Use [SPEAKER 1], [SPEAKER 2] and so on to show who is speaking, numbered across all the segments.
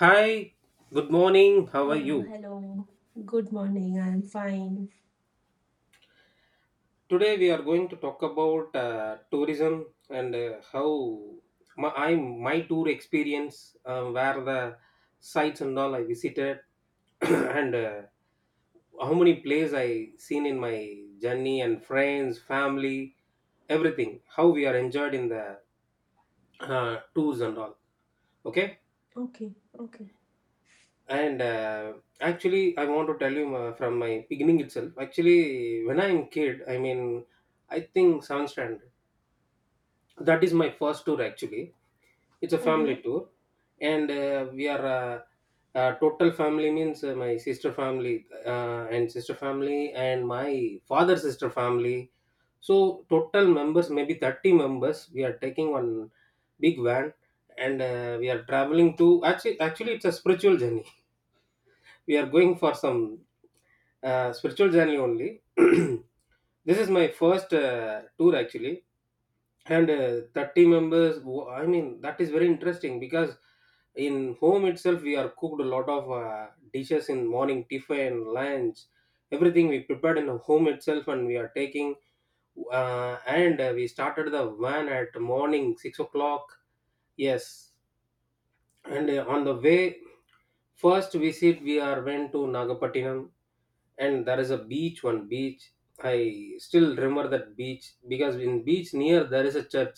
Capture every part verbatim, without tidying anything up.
[SPEAKER 1] Hi, good morning. How are
[SPEAKER 2] Hello,
[SPEAKER 1] you?
[SPEAKER 2] hello. Good morning. I'm fine.
[SPEAKER 1] Today we are going to talk about uh, tourism and uh, how my, I my tour experience, uh, where the sites and all I visited, and uh, how many places I seen in my journey and friends, family, everything. How we are enjoyed in the uh, tours and all. Okay.
[SPEAKER 2] Okay, okay.
[SPEAKER 1] And uh, actually, I want to tell you uh, from my beginning itself. Actually, when I'm kid, I mean, I think seventh standard. That is my first tour. Actually, it's a family
[SPEAKER 2] Mm-hmm.
[SPEAKER 1] tour, and uh, we are uh, uh, total family means uh, my sister family uh, and sister family and my father sister family. So total members, maybe thirty members. We are taking one big van, and uh, we are traveling to actually. Actually, it's a spiritual journey. We are going for some uh, spiritual journey only. This is my first uh, tour actually, and uh, thirty members. wo- I mean, that is very interesting because in home itself we are cooked a lot of uh, dishes in morning tiffin, lunch, everything we prepared in home itself, and we are taking. Uh, and uh, We started the van at morning six o'clock. Yes, and uh, on the way, first visit we are went to Nagapattinam, and there is a beach, one beach, I still remember that beach because in beach near there is a church,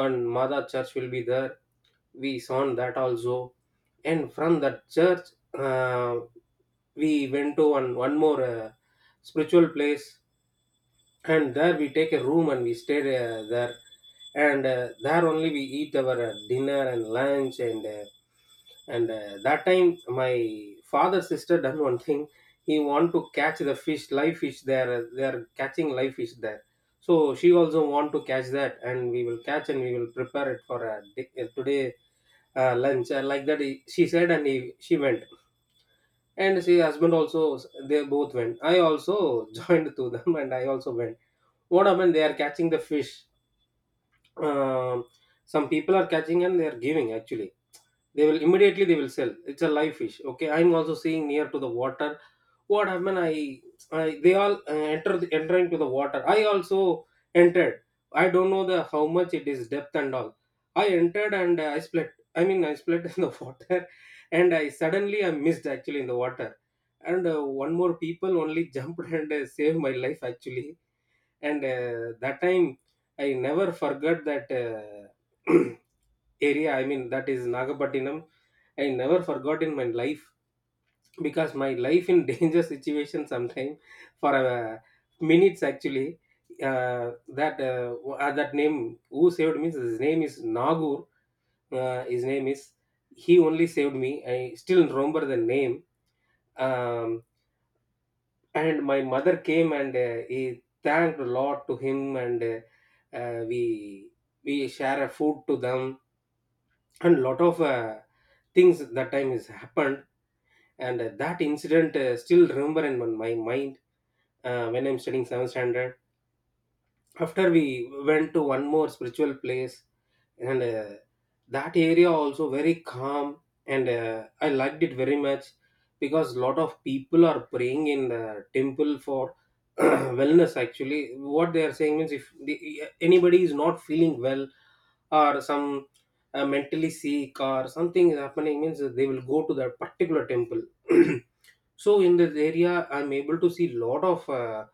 [SPEAKER 1] one mother church will be there, we saw that also. And from that church, uh, we went to one one more uh, spiritual place, and there we take a room and we stay uh, there, and uh, there only we eat our uh, dinner and lunch. And uh, and uh, that time my father's sister done one thing. He want to catch the fish, live fish there. Uh, they are catching live fish there, so she also want to catch that, and we will catch and we will prepare it for uh, di- uh, today uh, lunch, uh, like that he, she said, and he, she went, and she husband also. They both went. I also joined to them, and I also went. What happened? They are catching the fish. Um, some people are catching and they are giving. Actually, they will immediately they will sell. It's a live fish. Okay, I'm also seeing near to the water. What happened? I, I they all uh, enter the, enter into the water. I also entered. I don't know the how much it is depth and all. I entered, and uh, I split. I mean, I split in the water, and I suddenly I missed actually in the water, and uh, one more people only jumped and uh, saved my life actually. And uh, that time I never forgot that uh, area. I mean, that is Nagapattinam. I never forgot in my life because my life in danger situation sometime for uh, minutes actually. uh, that uh, w- uh, that name who saved me, his name is Nagur. Uh, his name is He only saved me. I still remember the name. Um, and my mother came, and uh, he thanked a lot to him, and uh, uh, we we share a food to them, and lot of uh, things that time has happened. And uh, that incident uh, still remember in my mind uh, when I'm studying seventh standard. After we went to one more spiritual place, and uh, that area also very calm, and uh, I liked it very much because lot of people are praying in the temple for wellness. Actually, what they are saying means if the, anybody is not feeling well or some uh, mentally sick or something is happening means they will go to that particular temple. So in this area I'm able to see lot of uh,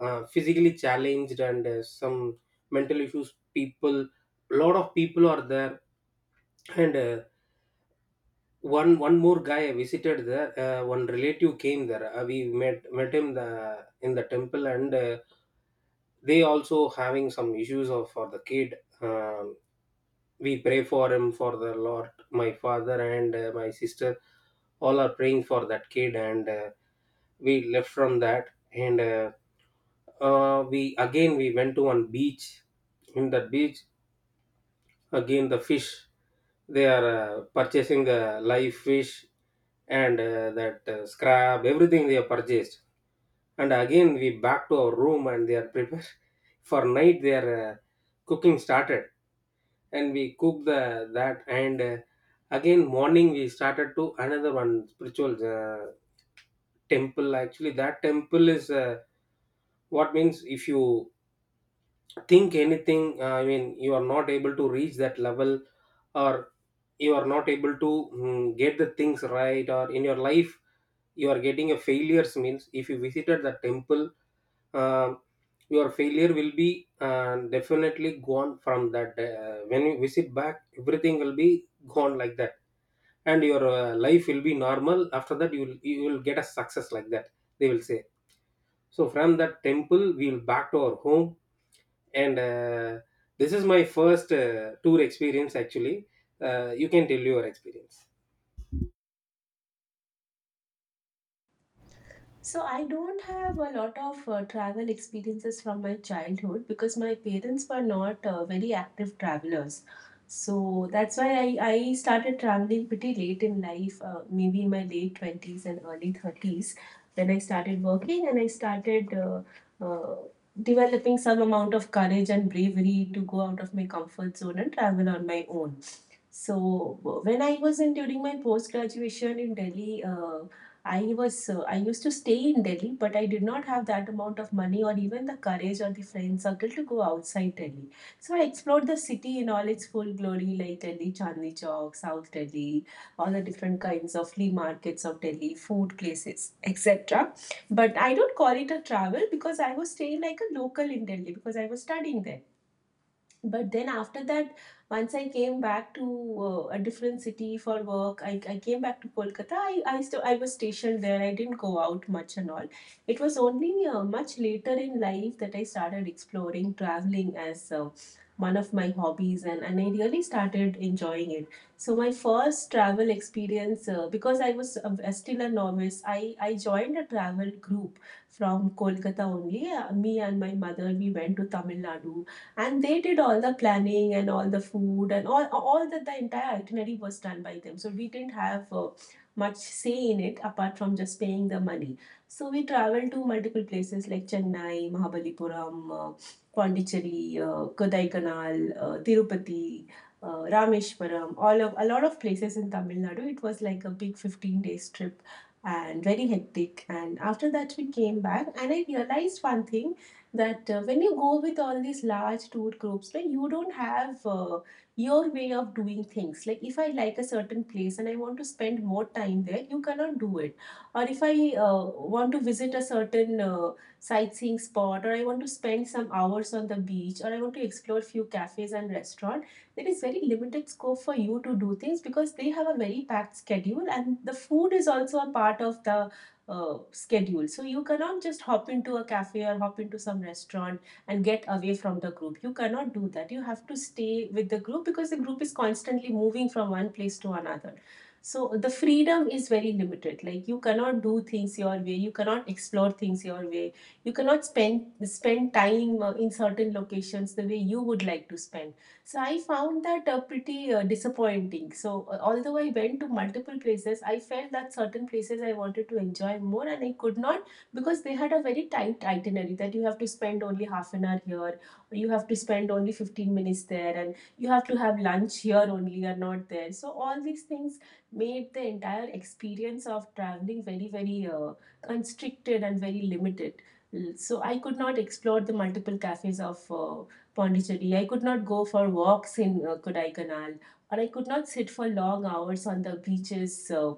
[SPEAKER 1] uh, physically challenged, and uh, some mental issues people, lot of people are there. And uh, one one more guy I visited there. Uh, one relative came there. Uh, we met met him the in the temple, and uh, they also having some issues of for the kid. Um, we pray for him for the Lord. My father and uh, my sister all are praying for that kid, and uh, we left from that, and uh, uh, we again we went to one beach. In that beach, again the fish they are uh, purchasing uh, live fish, and uh, that uh, scrap everything they have purchased, and again we back to our room, and they are prepared for night. They are uh, cooking started, and we cook the that. And uh, again morning we started to another one spiritual uh, temple. Actually, that temple is, uh, what means, if you think anything, uh, I mean, you are not able to reach that level, or you are not able to mm, get the things right, or in your life you are getting a failures means if you visited the temple, um, your failure will be uh, definitely gone from that. Uh, when you visit back, everything will be gone, like that, and your uh, life will be normal. After that, you will you will get a success, like that they will say. So from that temple we will back to our home. And uh, this is my first uh, tour experience actually. Uh, you can tell your experience.
[SPEAKER 2] So I don't have a lot of uh, travel experiences from my childhood because my parents were not uh, very active travelers. So that's why I, I started traveling pretty late in life, uh, maybe in my late twenties and early thirties, when I started working and I started uh, uh, developing some amount of courage and bravery to go out of my comfort zone and travel on my own. So when I was in during my post graduation in Delhi, uh, I was uh, I used to stay in Delhi, but I did not have that amount of money or even the courage or the friend circle to go outside Delhi. So I explored the city in all its full glory, like Delhi Chandni Chowk, South Delhi, all the different kinds of flea markets of Delhi, food places, et cetera. But I don't call it a travel because I was staying like a local in Delhi because I was studying there, but then after that, once I came back to uh, a different city for work, I, I came back to Kolkata. I, I still, I was stationed there. I didn't go out much and all. It was only uh, much later in life that I started exploring traveling as uh, one of my hobbies, and, and I really started enjoying it. So my first travel experience, uh, because I was uh, still a novice, I, I joined a travel group from Kolkata only. Uh, me and my mother, we went to Tamil Nadu, and they did all the planning and all the food and all all that. The entire itinerary was done by them, so we didn't have uh, much say in it apart from just paying the money. So we traveled to multiple places like Chennai, Mahabalipuram, uh, Pondicherry, uh, Kodaikanal, uh, Tirupati, uh, Rameshwaram, all of a lot of places in Tamil Nadu. It was like a big fifteen days trip and very hectic. And after that, we came back and I realized one thing, that uh, when you go with all these large tour groups, then you don't have uh, your way of doing things. Like if I like a certain place and I want to spend more time there, you cannot do it. Or if I uh, want to visit a certain uh, sightseeing spot, or I want to spend some hours on the beach, or I want to explore few cafes and restaurants, there is very limited scope for you to do things because they have a very packed schedule, and the food is also a part of the uh, schedule. So you cannot just hop into a cafe or hop into some restaurant and get away from the group. You cannot do that. You have to stay with the group because the group is constantly moving from one place to another. So the freedom is very limited. Like you cannot do things your way. You cannot explore things your way. You cannot spend spend time uh, in certain locations the way you would like to spend. So I found that uh, pretty uh, disappointing. So uh, although I went to multiple places, I felt that certain places I wanted to enjoy more and I could not because they had a very tight itinerary, that you have to spend only half an hour here, or you have to spend only fifteen minutes there, and you have to have lunch here only and not there. So all these things made the entire experience of traveling very, very uh, constricted and very limited. L- So I could not explore the multiple cafes of uh, Pondicherry. I could not go for walks in uh, Kodaikanal, or I could not sit for long hours on the beaches uh,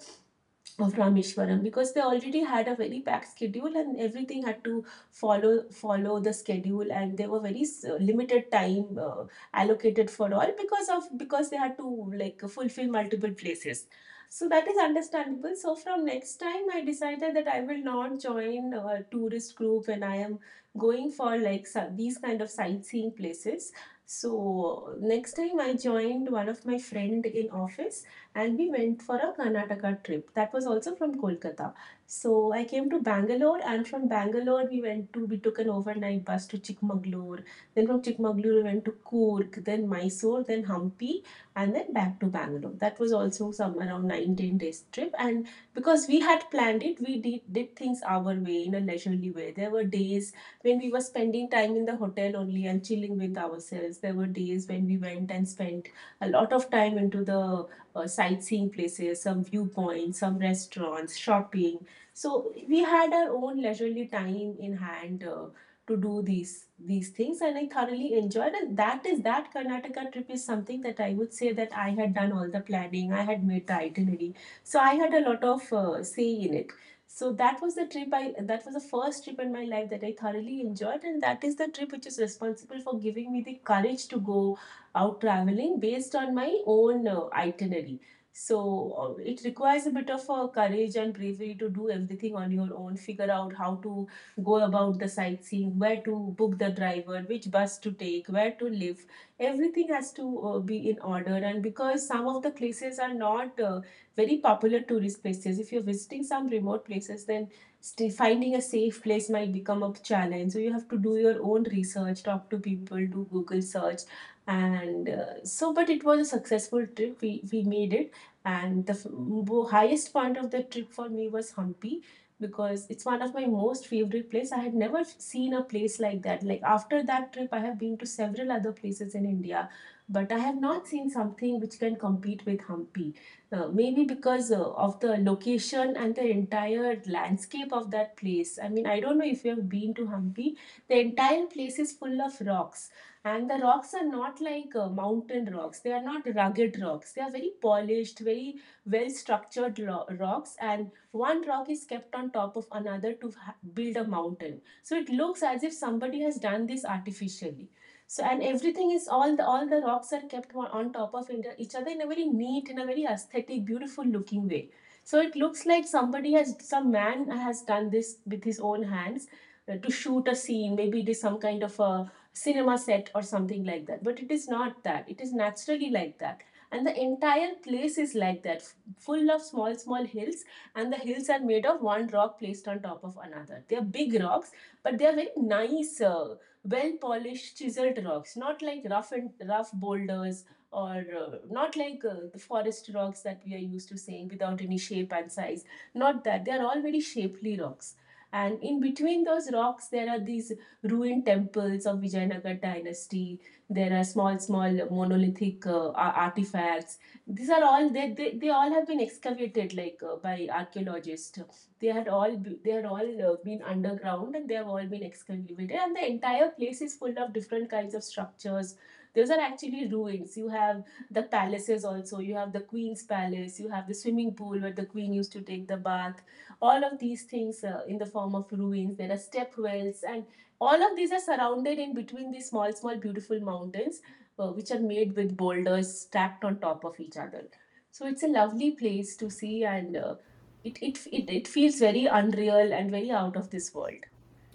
[SPEAKER 2] of Rameshwaram because they already had a very packed schedule and everything had to follow follow the schedule, and there were very s- limited time uh, allocated for all because of because they had to like fulfill multiple places. So that is understandable. So from next time I decided that I will not join a tourist group when I am going for like so- these kind of sightseeing places. So next time I joined one of my friend in office, and we went for a Karnataka trip. That was also from Kolkata. So I came to Bangalore, and from Bangalore we went to we took an overnight bus to Chikmagalur. Then from Chikmagalur we went to Coorg, then Mysore, then Hampi, and then back to Bangalore. That was also some around nine ten days trip. And because we had planned it, we did, did things our way in a leisurely way. There were days when we were spending time in the hotel only and chilling with ourselves. There were days when we went and spent a lot of time into the uh, sightseeing places, some viewpoints, some restaurants, shopping. So we had our own leisurely time in hand uh, to do these these things, and I thoroughly enjoyed. And that is that Karnataka trip is something that I would say that I had done all the planning, I had made the itinerary, so I had a lot of uh, say in it. So that was the trip I that was the first trip in my life that I thoroughly enjoyed, and that is the trip which is responsible for giving me the courage to go out traveling based on my own uh, itinerary. So uh, it requires a bit of uh, courage and bravery to do everything on your own, figure out how to go about the sightseeing, where to book the driver, which bus to take, where to live. Everything has to uh, be in order. And because some of the places are not uh, very popular tourist places, if you're visiting some remote places, then st- finding a safe place might become a challenge. So you have to do your own research, talk to people, do Google search, and uh, so but it was a successful trip. We we made it. And the f- highest point of the trip for me was Hampi, because it's one of my most favorite place. I had never seen a place like that. Like after that trip I have been to several other places in India, but I have not seen something which can compete with Hampi. Uh, maybe because uh, of the location and the entire landscape of that place. I mean, I don't know if you have been to Hampi. The entire place is full of rocks, and the rocks are not like uh, mountain rocks. They are not rugged rocks. They are very polished, very well structured ro- rocks, and one rock is kept on top of another to ha- build a mountain. So it looks as if somebody has done this artificially. So and everything is all the all the rocks are kept on on top of in- each other in a very neat, in a very aesthetic, beautiful looking way. So it looks like somebody has some man has done this with his own hands, uh, to shoot a scene, maybe it is some kind of a cinema set or something like that. But it is not that. It is naturally like that. And the entire place is like that, full of small, small hills. And the hills are made of one rock placed on top of another. They are big rocks, but they are very nice, uh, well-polished, chiseled rocks. Not like rough and rough boulders, or uh, not like uh, the forest rocks that we are used to seeing without any shape and size. Not that. They are all very shapely rocks. And in between those rocks, there are these ruined temples of Vijayanagara dynasty. There are small, small monolithic uh, artifacts. These are all they, they, they all have been excavated like uh, by archaeologists. They had all they had all uh, been underground and they have all been excavated. And the entire place is full of different kinds of structures. Those are actually ruins. You have the palaces also. You have the queen's palace. You have the swimming pool where the queen used to take the bath. All of these things uh, in the form of ruins. There are step wells, and all of these are surrounded in between these small, small, beautiful mountains, uh, which are made with boulders stacked on top of each other. So it's a lovely place to see, and uh, it, it it it feels very unreal and very out of this world.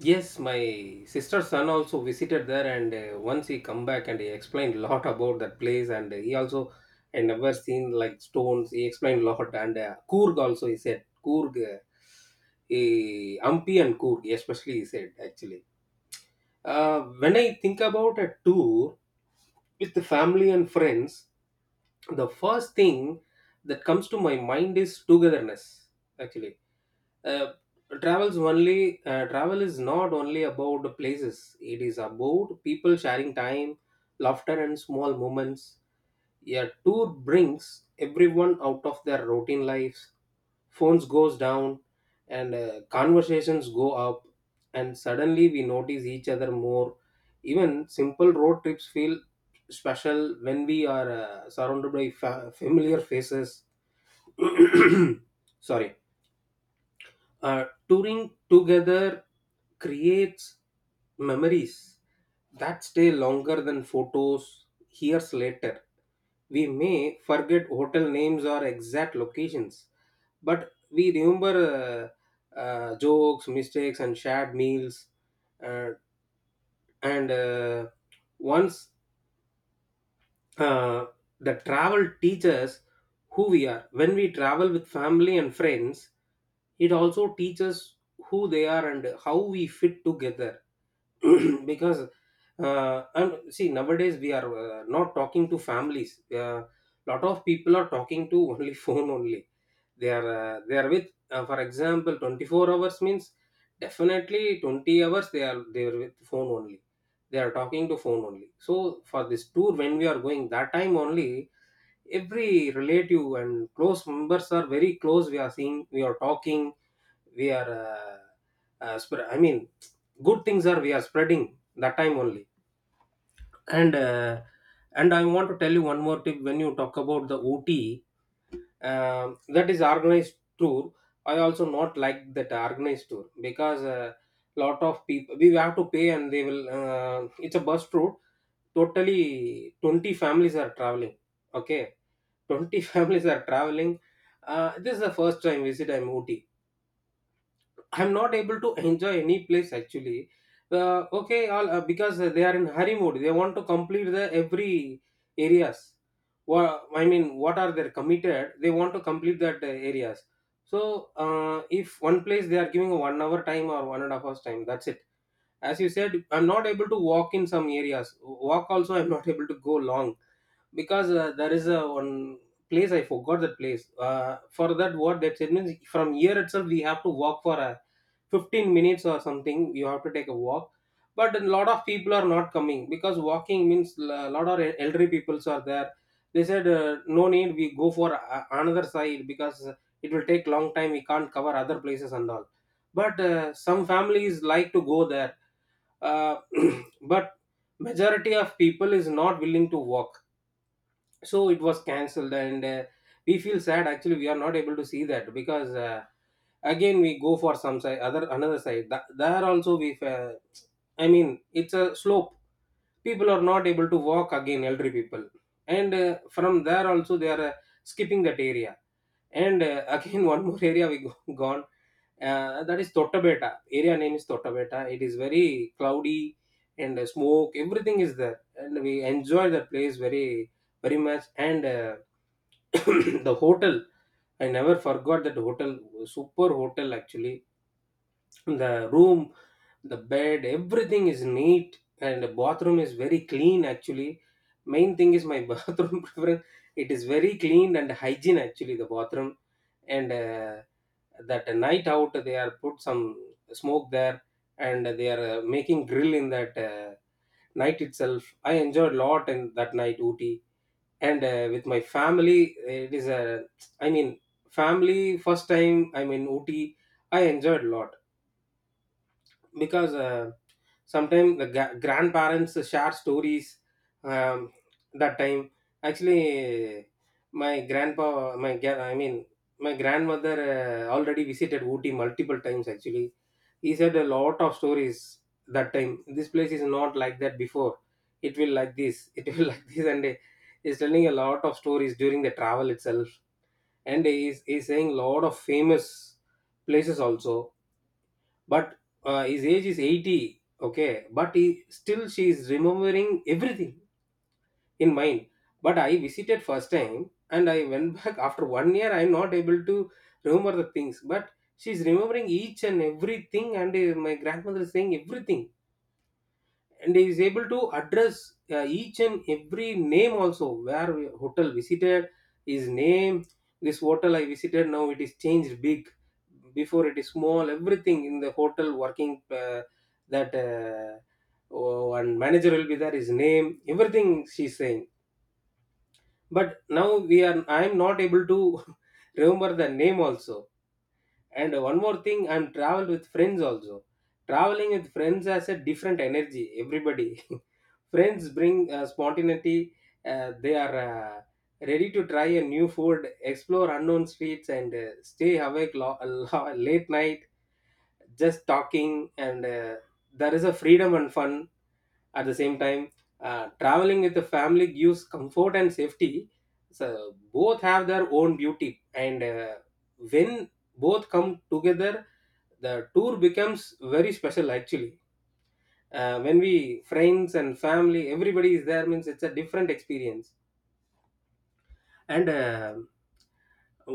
[SPEAKER 1] Yes, my sister's son also visited there, and uh, once he come back and he explained a lot about that place, and he also, I never seen like stones. He explained a lot, and uh, Coorg also he said. Coorg, uh, he- Hampi and Coorg especially he said. Actually, uh, when I think about a tour with the family and friends, the first thing that comes to my mind is togetherness. Actually, uh, travels only uh, travel is not only about the places, it is about people sharing time, laughter, and small moments. A tour brings everyone out of their routine lives. Phones goes down, and uh, conversations go up, and suddenly we notice each other more. Even simple road trips feel special when we are uh, surrounded by fa- familiar faces. Sorry. Uh, touring together creates memories that stay longer than photos years later. We may forget hotel names or exact locations, but we remember uh, uh, jokes, mistakes, and shared meals. Uh, and uh, once uh, the travel teaches who we are. When we travel with family and friends, it also teaches who they are and how we fit together. Because, uh, and see, nowadays we are uh, not talking to families. A lot of people are talking to only phone only. They are uh, they are with, uh, for example, twenty-four hours means definitely twenty hours they are they are with phone only. They are talking to phone only. So for this tour, when we are going, that time only every relative and close members are very close. We are seeing, we are talking, we are uh, uh, spread. I mean, good things are we are spreading that time only. And uh, and I want to tell you one more tip. When you talk about the OT, um, that is organized tour. I also not like that organized tour because, uh, lot of people we have to pay, and they will, uh, it's a bus route, totally twenty families are traveling. Okay, twenty families are traveling. Uh, this is the first time visit. I'm OT. I'm not able to enjoy any place actually. Uh, okay, all, uh, because they are in hurry mode. They want to complete the every areas. Well, I mean, what are they committed? They want to complete that uh, areas. So uh, if one place they are giving a one hour time or one and a half hours time, that's it. As you said, I'm not able to walk in some areas. Walk also, I'm not able to go long, because uh, there is a one place, I forgot that place, uh, for that, what that said means, from here itself we have to walk for a fifteen minutes or something, you have to take a walk. But a lot of people are not coming, because walking means a lot of elderly peoples are there. They said, uh, no need, we go for a- another side, because it will take long time, we can't cover other places and all. But uh, some families like to go there. Uh, But majority of people is not willing to walk, so it was cancelled. And uh, we feel sad actually, we are not able to see that. Because uh, again we go for some side, other another side. Th- there also we fa- I mean, it's a slope, people are not able to walk, again elderly people. And uh, from there also they are uh, skipping that area. And uh, again, one more area we go, gone. Uh, that is Tottabeta. Area name is Tottabeta. It is very cloudy and uh, smoke, everything is there, and we enjoy the place very, very much. And uh, the hotel, I never forgot that hotel. Super hotel actually. The room, the bed, everything is neat, and the bathroom is very clean actually. Main thing is my bathroom preference. It is very clean and hygiene actually, the bathroom. And uh, that night out they are put some smoke there, and they are uh, making grill in that uh, night itself. I enjoyed a lot in that night, Ooty, and uh, with my family. It is a, I mean, family first time, I mean, in Ooty. I enjoyed a lot, because uh, sometimes the ga- grandparents share stories. um, that time, actually, my grandpa, my gra- I mean, my grandmother, uh, already visited Ooty multiple times actually. He said a lot of stories, that time this place is not like that before, it will like this, it will like this. And uh, he's telling a lot of stories during the travel itself. And he's, he's saying a lot of famous places also. But uh, his age is eighty, okay, but he, still she is remembering everything in mind. But I visited first time, and I went back after one year, I'm not able to remember the things. But she's remembering each and everything. And uh, my grandmother is saying everything, and he is able to address uh, each and every name also, where we- hotel visited, his name, this hotel I visited, now it is changed big, before it is small, everything in the hotel working. Uh, that uh, Oh, and manager will be there, his name, everything she's saying. But now we are, I am not able to remember the name also. And one more thing, I'm traveled with friends also. Traveling with friends has a different energy. Everybody, friends bring uh, spontaneity. Uh, they are uh, ready to try a new food, explore unknown streets, and uh, stay awake lo- late night just talking. And uh, there is a freedom and fun at the same time. Uh, traveling with the family gives comfort and safety. So both have their own beauty. And uh, when both come together, the tour becomes very special actually. Uh, when we friends and family, everybody is there means, it's a different experience. And uh,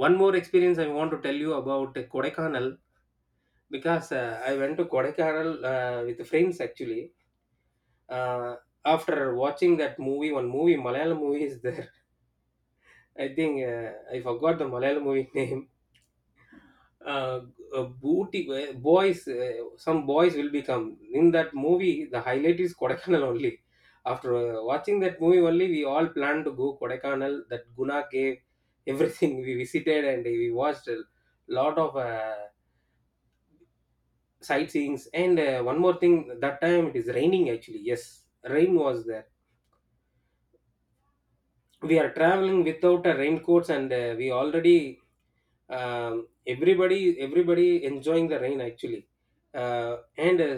[SPEAKER 1] one more experience I want to tell you about Kodaikanal. Because uh, I went to Kodaikanal uh, with friends actually. Uh, after watching that movie, one movie, Malayalam movie is there. I think uh, I forgot the Malayalam movie name. Uh, uh, booty uh, Boys, uh, some boys will become in that movie. The highlight is Kodaikanal only. After uh, watching that movie only, we all planned to go Kodaikanal. That Guna cave, everything we visited, and we watched a lot of uh, sightseeings. And uh, one more thing, that time it is raining actually. Yes, rain was there, we are traveling without a raincoats. And uh, we already um, everybody everybody enjoying the rain actually. Uh, and uh,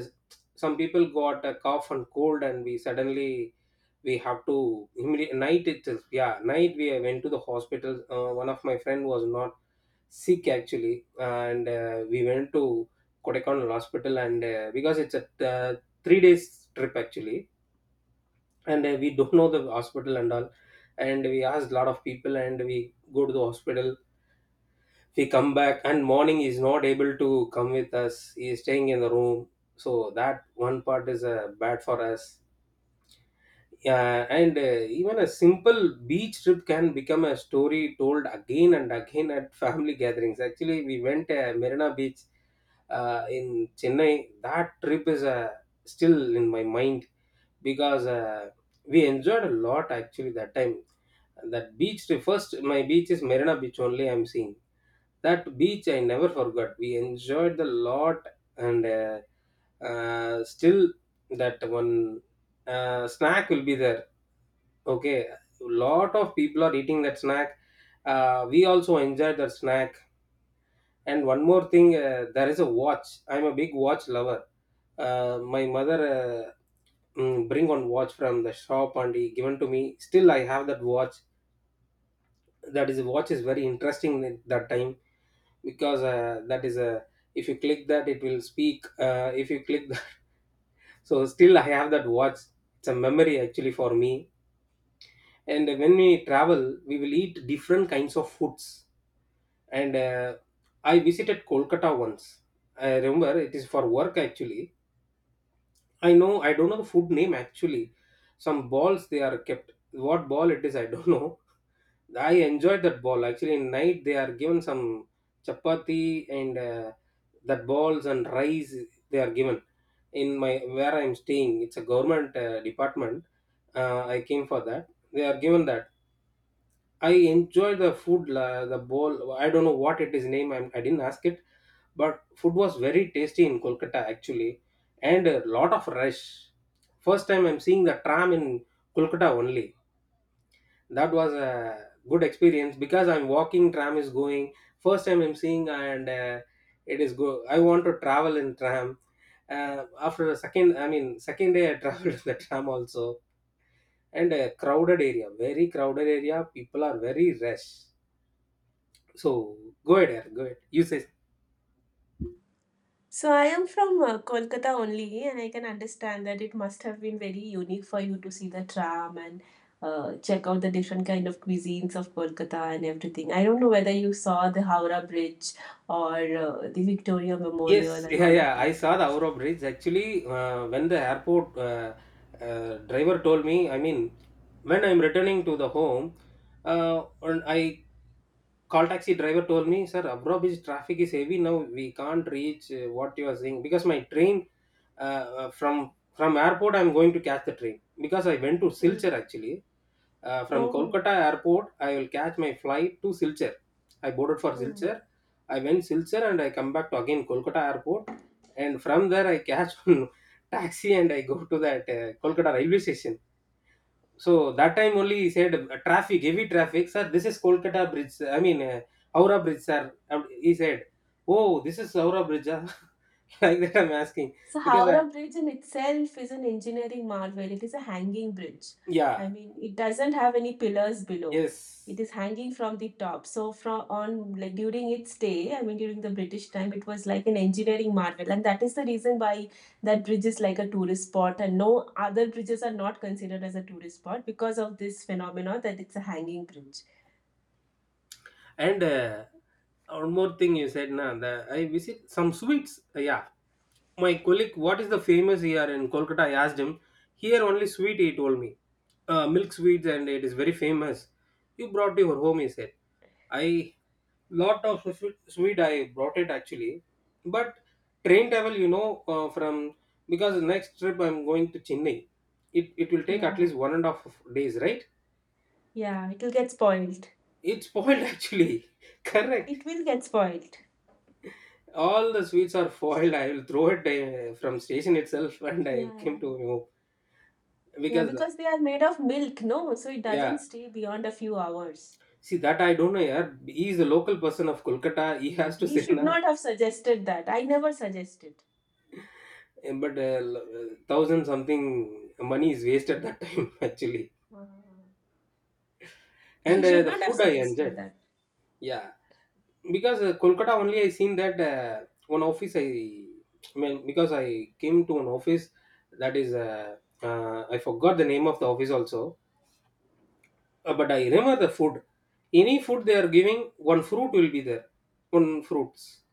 [SPEAKER 1] Some people got a cough and cold, and we suddenly, we have to immediate night, it is, yeah, night, we went to the hospital. Uh, one of my friend was not sick actually. And uh, we went to Kodaikanal hospital. And uh, because it's a uh, three days trip actually. And uh, we don't know the hospital and all, and we asked a lot of people, and we go to the hospital. We come back, and morning is not able to come with us, he is staying in the room. So that one part is uh, bad for us. Yeah. And uh, even a simple beach trip can become a story told again and again at family gatherings. Actually, we went uh, Marina Beach uh, in Chennai. That trip is uh, still in my mind. Because uh, we enjoyed a lot actually that time. That beach trip, first, my beach is Marina Beach only I'm seeing. That beach I never forgot. We enjoyed the lot. And uh, uh, still that one uh, snack will be there. Okay, lot of people are eating that snack. Uh, we also enjoy that snack. And one more thing, uh, there is a watch. I'm a big watch lover. Uh, my mother uh, mm, bring on watch from the shop, and he given to me. Still, I have that watch. That is watch is very interesting at that time. Because uh, that is a, if you click that, it will speak. Uh, if you click that, so still I have that watch. It's a memory actually for me. And when we travel, we will eat different kinds of foods. And uh, I visited Kolkata once. I remember it is for work actually. I know, I don't know the food name actually. Some balls they are kept. What ball it is, I don't know. I enjoyed that ball actually. In night they are given some chapati and uh, that balls and rice they are given. In my where I am staying, it's a government uh, department. Uh, I came for that. They are given that. I enjoy the food, la, the bowl. I don't know what it is name. I'm, I didn't ask it, but food was very tasty in Kolkata actually, and a lot of rush. First time I'm seeing the tram in Kolkata only. That was a good experience, because I'm walking, tram is going. First time I'm seeing. And uh, it is go, I want to travel in tram. Uh, after the second, I mean, second day I traveled in the tram also. And a crowded area, very crowded area, people are very rush. So go ahead, yeah, go ahead, you say.
[SPEAKER 2] So I am from uh, Kolkata only, and I can understand that it must have been very unique for you to see the tram and uh, check out the different kind of cuisines of Kolkata and everything. I don't know whether you saw the Howrah Bridge or uh, the Victoria Memorial
[SPEAKER 1] Yes,
[SPEAKER 2] and
[SPEAKER 1] yeah,
[SPEAKER 2] all of
[SPEAKER 1] yeah, I
[SPEAKER 2] that.
[SPEAKER 1] saw the Aura Bridge actually. Uh, when the airport uh, uh, driver told me, I mean, when I'm returning to the home, uh, and I call taxi driver told me, sir, Aura Bridge traffic is heavy now, we can't reach uh, what you are saying, because my train uh, uh, from from airport I'm going to catch the train, because I went to
[SPEAKER 2] Hmm.
[SPEAKER 1] Silchar actually. Uh, from
[SPEAKER 2] Oh.
[SPEAKER 1] Kolkata airport, I will catch my flight to Silchar. I boarded for
[SPEAKER 2] Hmm.
[SPEAKER 1] Silchar. I went Silchar, and I come back to again Kolkata airport. And from there, I catch one taxi, and I go to that uh, Kolkata railway station. So that time only he said, uh, traffic, heavy traffic, sir. This is Kolkata bridge, sir. I mean, uh, Howrah bridge, sir. And he said, "Oh, this is Howrah bridge, ah." Like that, I'm asking,
[SPEAKER 2] So
[SPEAKER 1] because I,
[SPEAKER 2] Howrah Bridge in itself is an engineering marvel. It is a hanging bridge. I
[SPEAKER 1] yeah,
[SPEAKER 2] mean, it doesn't have any pillars below. It
[SPEAKER 1] yes.
[SPEAKER 2] is hanging from the top. So from on like during its day, I mean during the British time, it was like an engineering marvel, and that is the reason why that bridge is like a tourist spot, and no other bridges are not considered as a tourist spot because of this phenomenon that it's a hanging bridge.
[SPEAKER 1] And uh, one more thing you said, na, the, I visit some sweets. Uh, yeah, my colleague, what is the famous here in Kolkata? I asked him. Here only sweet, he told me. Uh, milk sweets, and it is very famous, you brought to your home, he said. I lot of swe- sweet I brought it actually. But train travel, you know, uh, from, because next trip I'm going to Chennai, It it will take at
[SPEAKER 2] Yeah,
[SPEAKER 1] least one and a half days, right?
[SPEAKER 2] yeah, it will get spoiled.
[SPEAKER 1] It's spoiled actually. Correct,
[SPEAKER 2] It will get spoiled.
[SPEAKER 1] all the sweets are foiled. I will throw it uh, from station itself, and
[SPEAKER 2] Yeah,
[SPEAKER 1] I
[SPEAKER 2] yeah.
[SPEAKER 1] came to know,
[SPEAKER 2] Yeah,
[SPEAKER 1] because uh,
[SPEAKER 2] because they are made of milk, no? So it doesn't
[SPEAKER 1] yeah.
[SPEAKER 2] stay beyond a few hours.
[SPEAKER 1] See that, I don't know. Yeah, he is a local person of Kolkata, he has to
[SPEAKER 2] He
[SPEAKER 1] say,
[SPEAKER 2] should
[SPEAKER 1] na.
[SPEAKER 2] not have suggested that. I never suggested.
[SPEAKER 1] But uh, l- uh, thousand something money is wasted that time actually.
[SPEAKER 2] Ah. He
[SPEAKER 1] And uh,
[SPEAKER 2] should
[SPEAKER 1] the
[SPEAKER 2] not have
[SPEAKER 1] food I
[SPEAKER 2] suggested
[SPEAKER 1] enjoyed.
[SPEAKER 2] that.
[SPEAKER 1] Yeah, because uh, Kolkata only I seen that uh, one office I, I mean because I came to an office, that is uh, uh, I forgot the name of the office also. Uh, but I remember the food. Any food they are giving, one fruit will be there. One fruits,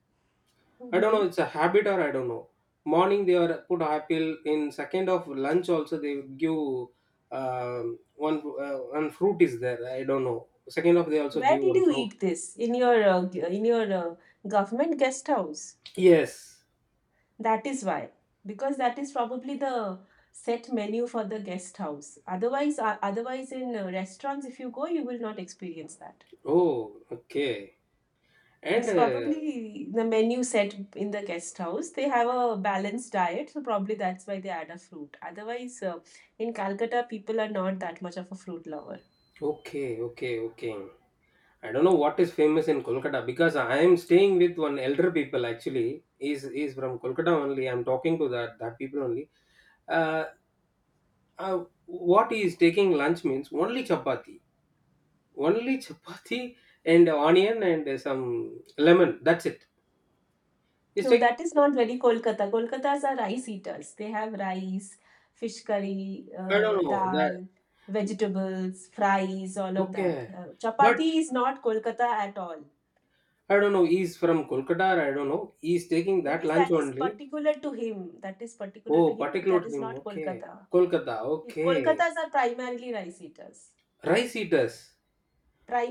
[SPEAKER 1] I don't
[SPEAKER 2] Hmm.
[SPEAKER 1] know, it's a habit or I don't know. Morning they are put apple. In second of lunch also they give um one uh, one fruit is there. I don't know, second of they also
[SPEAKER 2] Where
[SPEAKER 1] give
[SPEAKER 2] did
[SPEAKER 1] one
[SPEAKER 2] you
[SPEAKER 1] fruit.
[SPEAKER 2] eat this? In your uh, g- in your uh, government guest house.
[SPEAKER 1] Yes.
[SPEAKER 2] That is why, because that is probably the set menu for the guest house. Otherwise, uh, otherwise in uh, restaurants, if you go, you will not experience that.
[SPEAKER 1] Oh, okay. And
[SPEAKER 2] It's
[SPEAKER 1] uh,
[SPEAKER 2] probably the menu set in the guest house. They have a balanced diet, so probably that's why they add a fruit. Otherwise, uh, in Calcutta, people are not that much of a fruit lover.
[SPEAKER 1] okay, okay, okay. I don't know what is famous in Kolkata, because I am staying with one elder people actually. He's, he's from Kolkata only. I'm talking to that that people only. Uh, uh, what he is taking lunch means only chapati, only chapati and onion and uh, some lemon, that's it, he's
[SPEAKER 2] No,
[SPEAKER 1] taking.
[SPEAKER 2] that is not very Kolkata. Kolkatas are rice eaters. They have rice, fish curry,
[SPEAKER 1] I
[SPEAKER 2] uh,
[SPEAKER 1] don't know that.
[SPEAKER 2] dal, vegetables, fries, all of that.
[SPEAKER 1] Okay,
[SPEAKER 2] Uh,
[SPEAKER 1] but
[SPEAKER 2] chapati is not Kolkata at all.
[SPEAKER 1] I don't know, he's from Kolkata, I don't know, he's taking that
[SPEAKER 2] Maybe
[SPEAKER 1] lunch
[SPEAKER 2] that is
[SPEAKER 1] only.
[SPEAKER 2] particular to him. That is particular to
[SPEAKER 1] Oh,
[SPEAKER 2] him, but
[SPEAKER 1] particular
[SPEAKER 2] that
[SPEAKER 1] to
[SPEAKER 2] is
[SPEAKER 1] him.
[SPEAKER 2] not
[SPEAKER 1] Okay,
[SPEAKER 2] Kolkata.
[SPEAKER 1] Kolkata.
[SPEAKER 2] It,
[SPEAKER 1] Okay,
[SPEAKER 2] Kolkatas are primarily rice eaters.
[SPEAKER 1] rice eaters.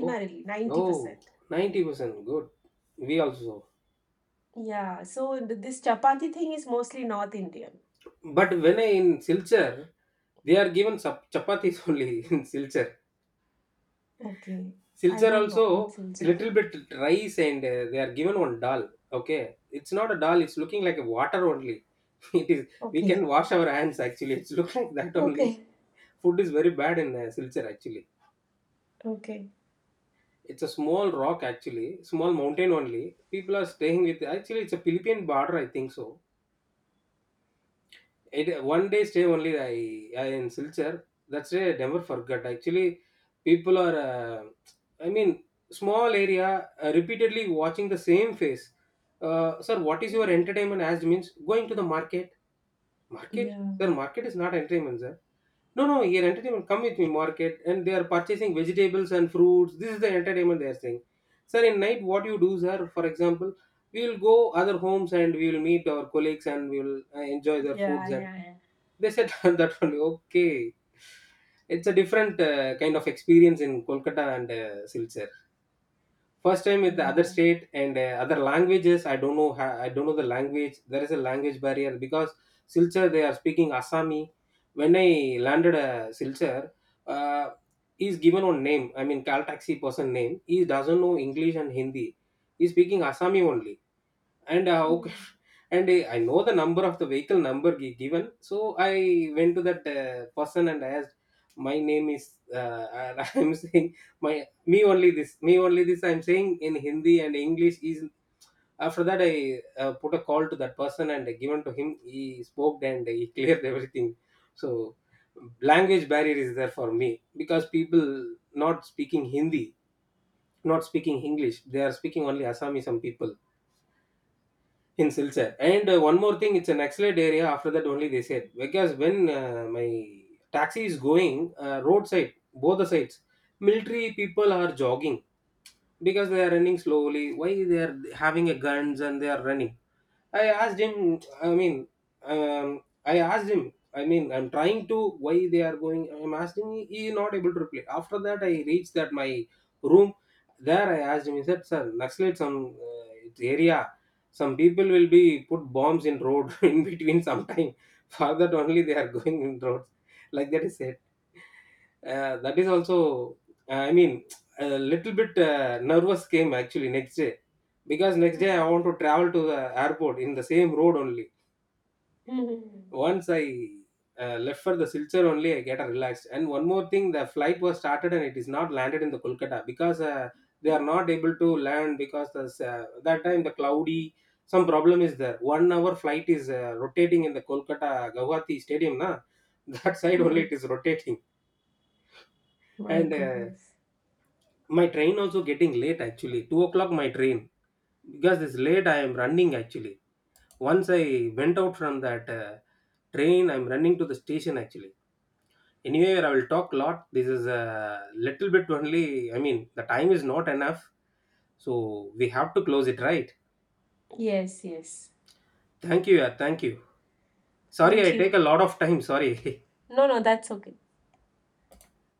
[SPEAKER 1] Oh, oh,
[SPEAKER 2] ninety percent.
[SPEAKER 1] ninety percent good. We also.
[SPEAKER 2] Yeah, so th- this chapati thing is mostly North Indian.
[SPEAKER 1] But when I in Silchar, they are given sap- chapatis only in Silchar.
[SPEAKER 2] Okay, I
[SPEAKER 1] Silchar
[SPEAKER 2] don't know.
[SPEAKER 1] also
[SPEAKER 2] What's Indian?
[SPEAKER 1] little bit rice, and uh, they are given one dal. Okay, it's not a dal. It's looking like a water only. It is. We can
[SPEAKER 2] Okay,
[SPEAKER 1] wash our hands actually. It's look like that only.
[SPEAKER 2] okay,
[SPEAKER 1] Food is very bad in uh, Silchar actually.
[SPEAKER 2] okay.
[SPEAKER 1] It's a small rock actually, small mountain only. People are staying with. Actually, it's a Philippine border. I think so. It one day stay only I, I in Silchar. That's a never forgot. Actually, people are. Uh, I mean, small area uh, repeatedly watching the same face. Uh, sir, what is your
[SPEAKER 2] Hmm.
[SPEAKER 1] entertainment? Asked means going to the market. Market,
[SPEAKER 2] Yeah,
[SPEAKER 1] sir. Market is not entertainment, sir. No, no, your entertainment come with me market, and they are purchasing vegetables and fruits. This is the entertainment they are saying. Sir, in night, what you do, sir? For example, we will go other homes and we will meet our colleagues and we will uh, enjoy their
[SPEAKER 2] yeah,
[SPEAKER 1] foods and
[SPEAKER 2] yeah, yeah.
[SPEAKER 1] they said that only okay. It's a different uh, kind of experience in Kolkata and uh, Silchar. First time with the other
[SPEAKER 2] Yeah.
[SPEAKER 1] state and uh, other languages. I don't know. ha- I don't know the language. There is a language barrier because Silchar they are speaking Assami. When I landed uh, Silchar, uh, he's given one name. I mean, Caltaxi person name. He doesn't know English and Hindi. He's speaking Assami only and how c-
[SPEAKER 2] Hmm.
[SPEAKER 1] and i I know the number of the vehicle number gi- given, so I went to that uh, person and I asked my name is uh, and I'm saying my me only this me only this I'm saying in hindi and english is after that I uh, put a call to that person and given to him, he spoke and he cleared everything. So language barrier is there for me because people not speaking hindi, not speaking english, they are speaking only Assami. Some people in Silchar. And uh, one more thing, it's an excellent area. After that, only they said because when uh, my taxi is going uh, roadside, both the sides, military people are jogging because they are running slowly. Why they are having a guns and they are running, I asked him. I mean, um, I asked him. I mean, I'm trying to why they are going. I'm asking. He he is not able to reply. After that, I reached that my room. There, I asked him. He said, "Sir, Naxalit some uh, it's area. Some people will be put bombs in road in between sometime. For that only they are going in roads." Like that he said. Uh, that is also, uh, I mean, a little bit uh, nervous came actually next day because next day
[SPEAKER 2] Hmm.
[SPEAKER 1] I want to travel to the airport in the same road only.
[SPEAKER 2] Hmm.
[SPEAKER 1] Once I uh, left for the Silchar only, I get relaxed. And one more thing, the flight was started and it is not landed in the Kolkata because uh, they are not able to land because the, uh, that time the cloudy some problem is there. One hour flight is uh, rotating in the Kolkata Guwahati stadium na. That side only
[SPEAKER 2] Hmm.
[SPEAKER 1] it is rotating
[SPEAKER 2] My
[SPEAKER 1] and. Uh,
[SPEAKER 2] goodness.
[SPEAKER 1] My train also getting late actually. two o'clock my train. Because it's late, I am running actually. Once I went out from that uh, train, I'm running to the station actually. Anyway, I will talk lot. This is a little bit only. I mean, the time is not enough. So we have to close it, right?
[SPEAKER 2] Yes, yes.
[SPEAKER 1] Thank you. Yeah, thank you. Sorry,
[SPEAKER 2] Thank
[SPEAKER 1] I take
[SPEAKER 2] you.
[SPEAKER 1] a lot of time. Sorry.
[SPEAKER 2] No, no, that's okay.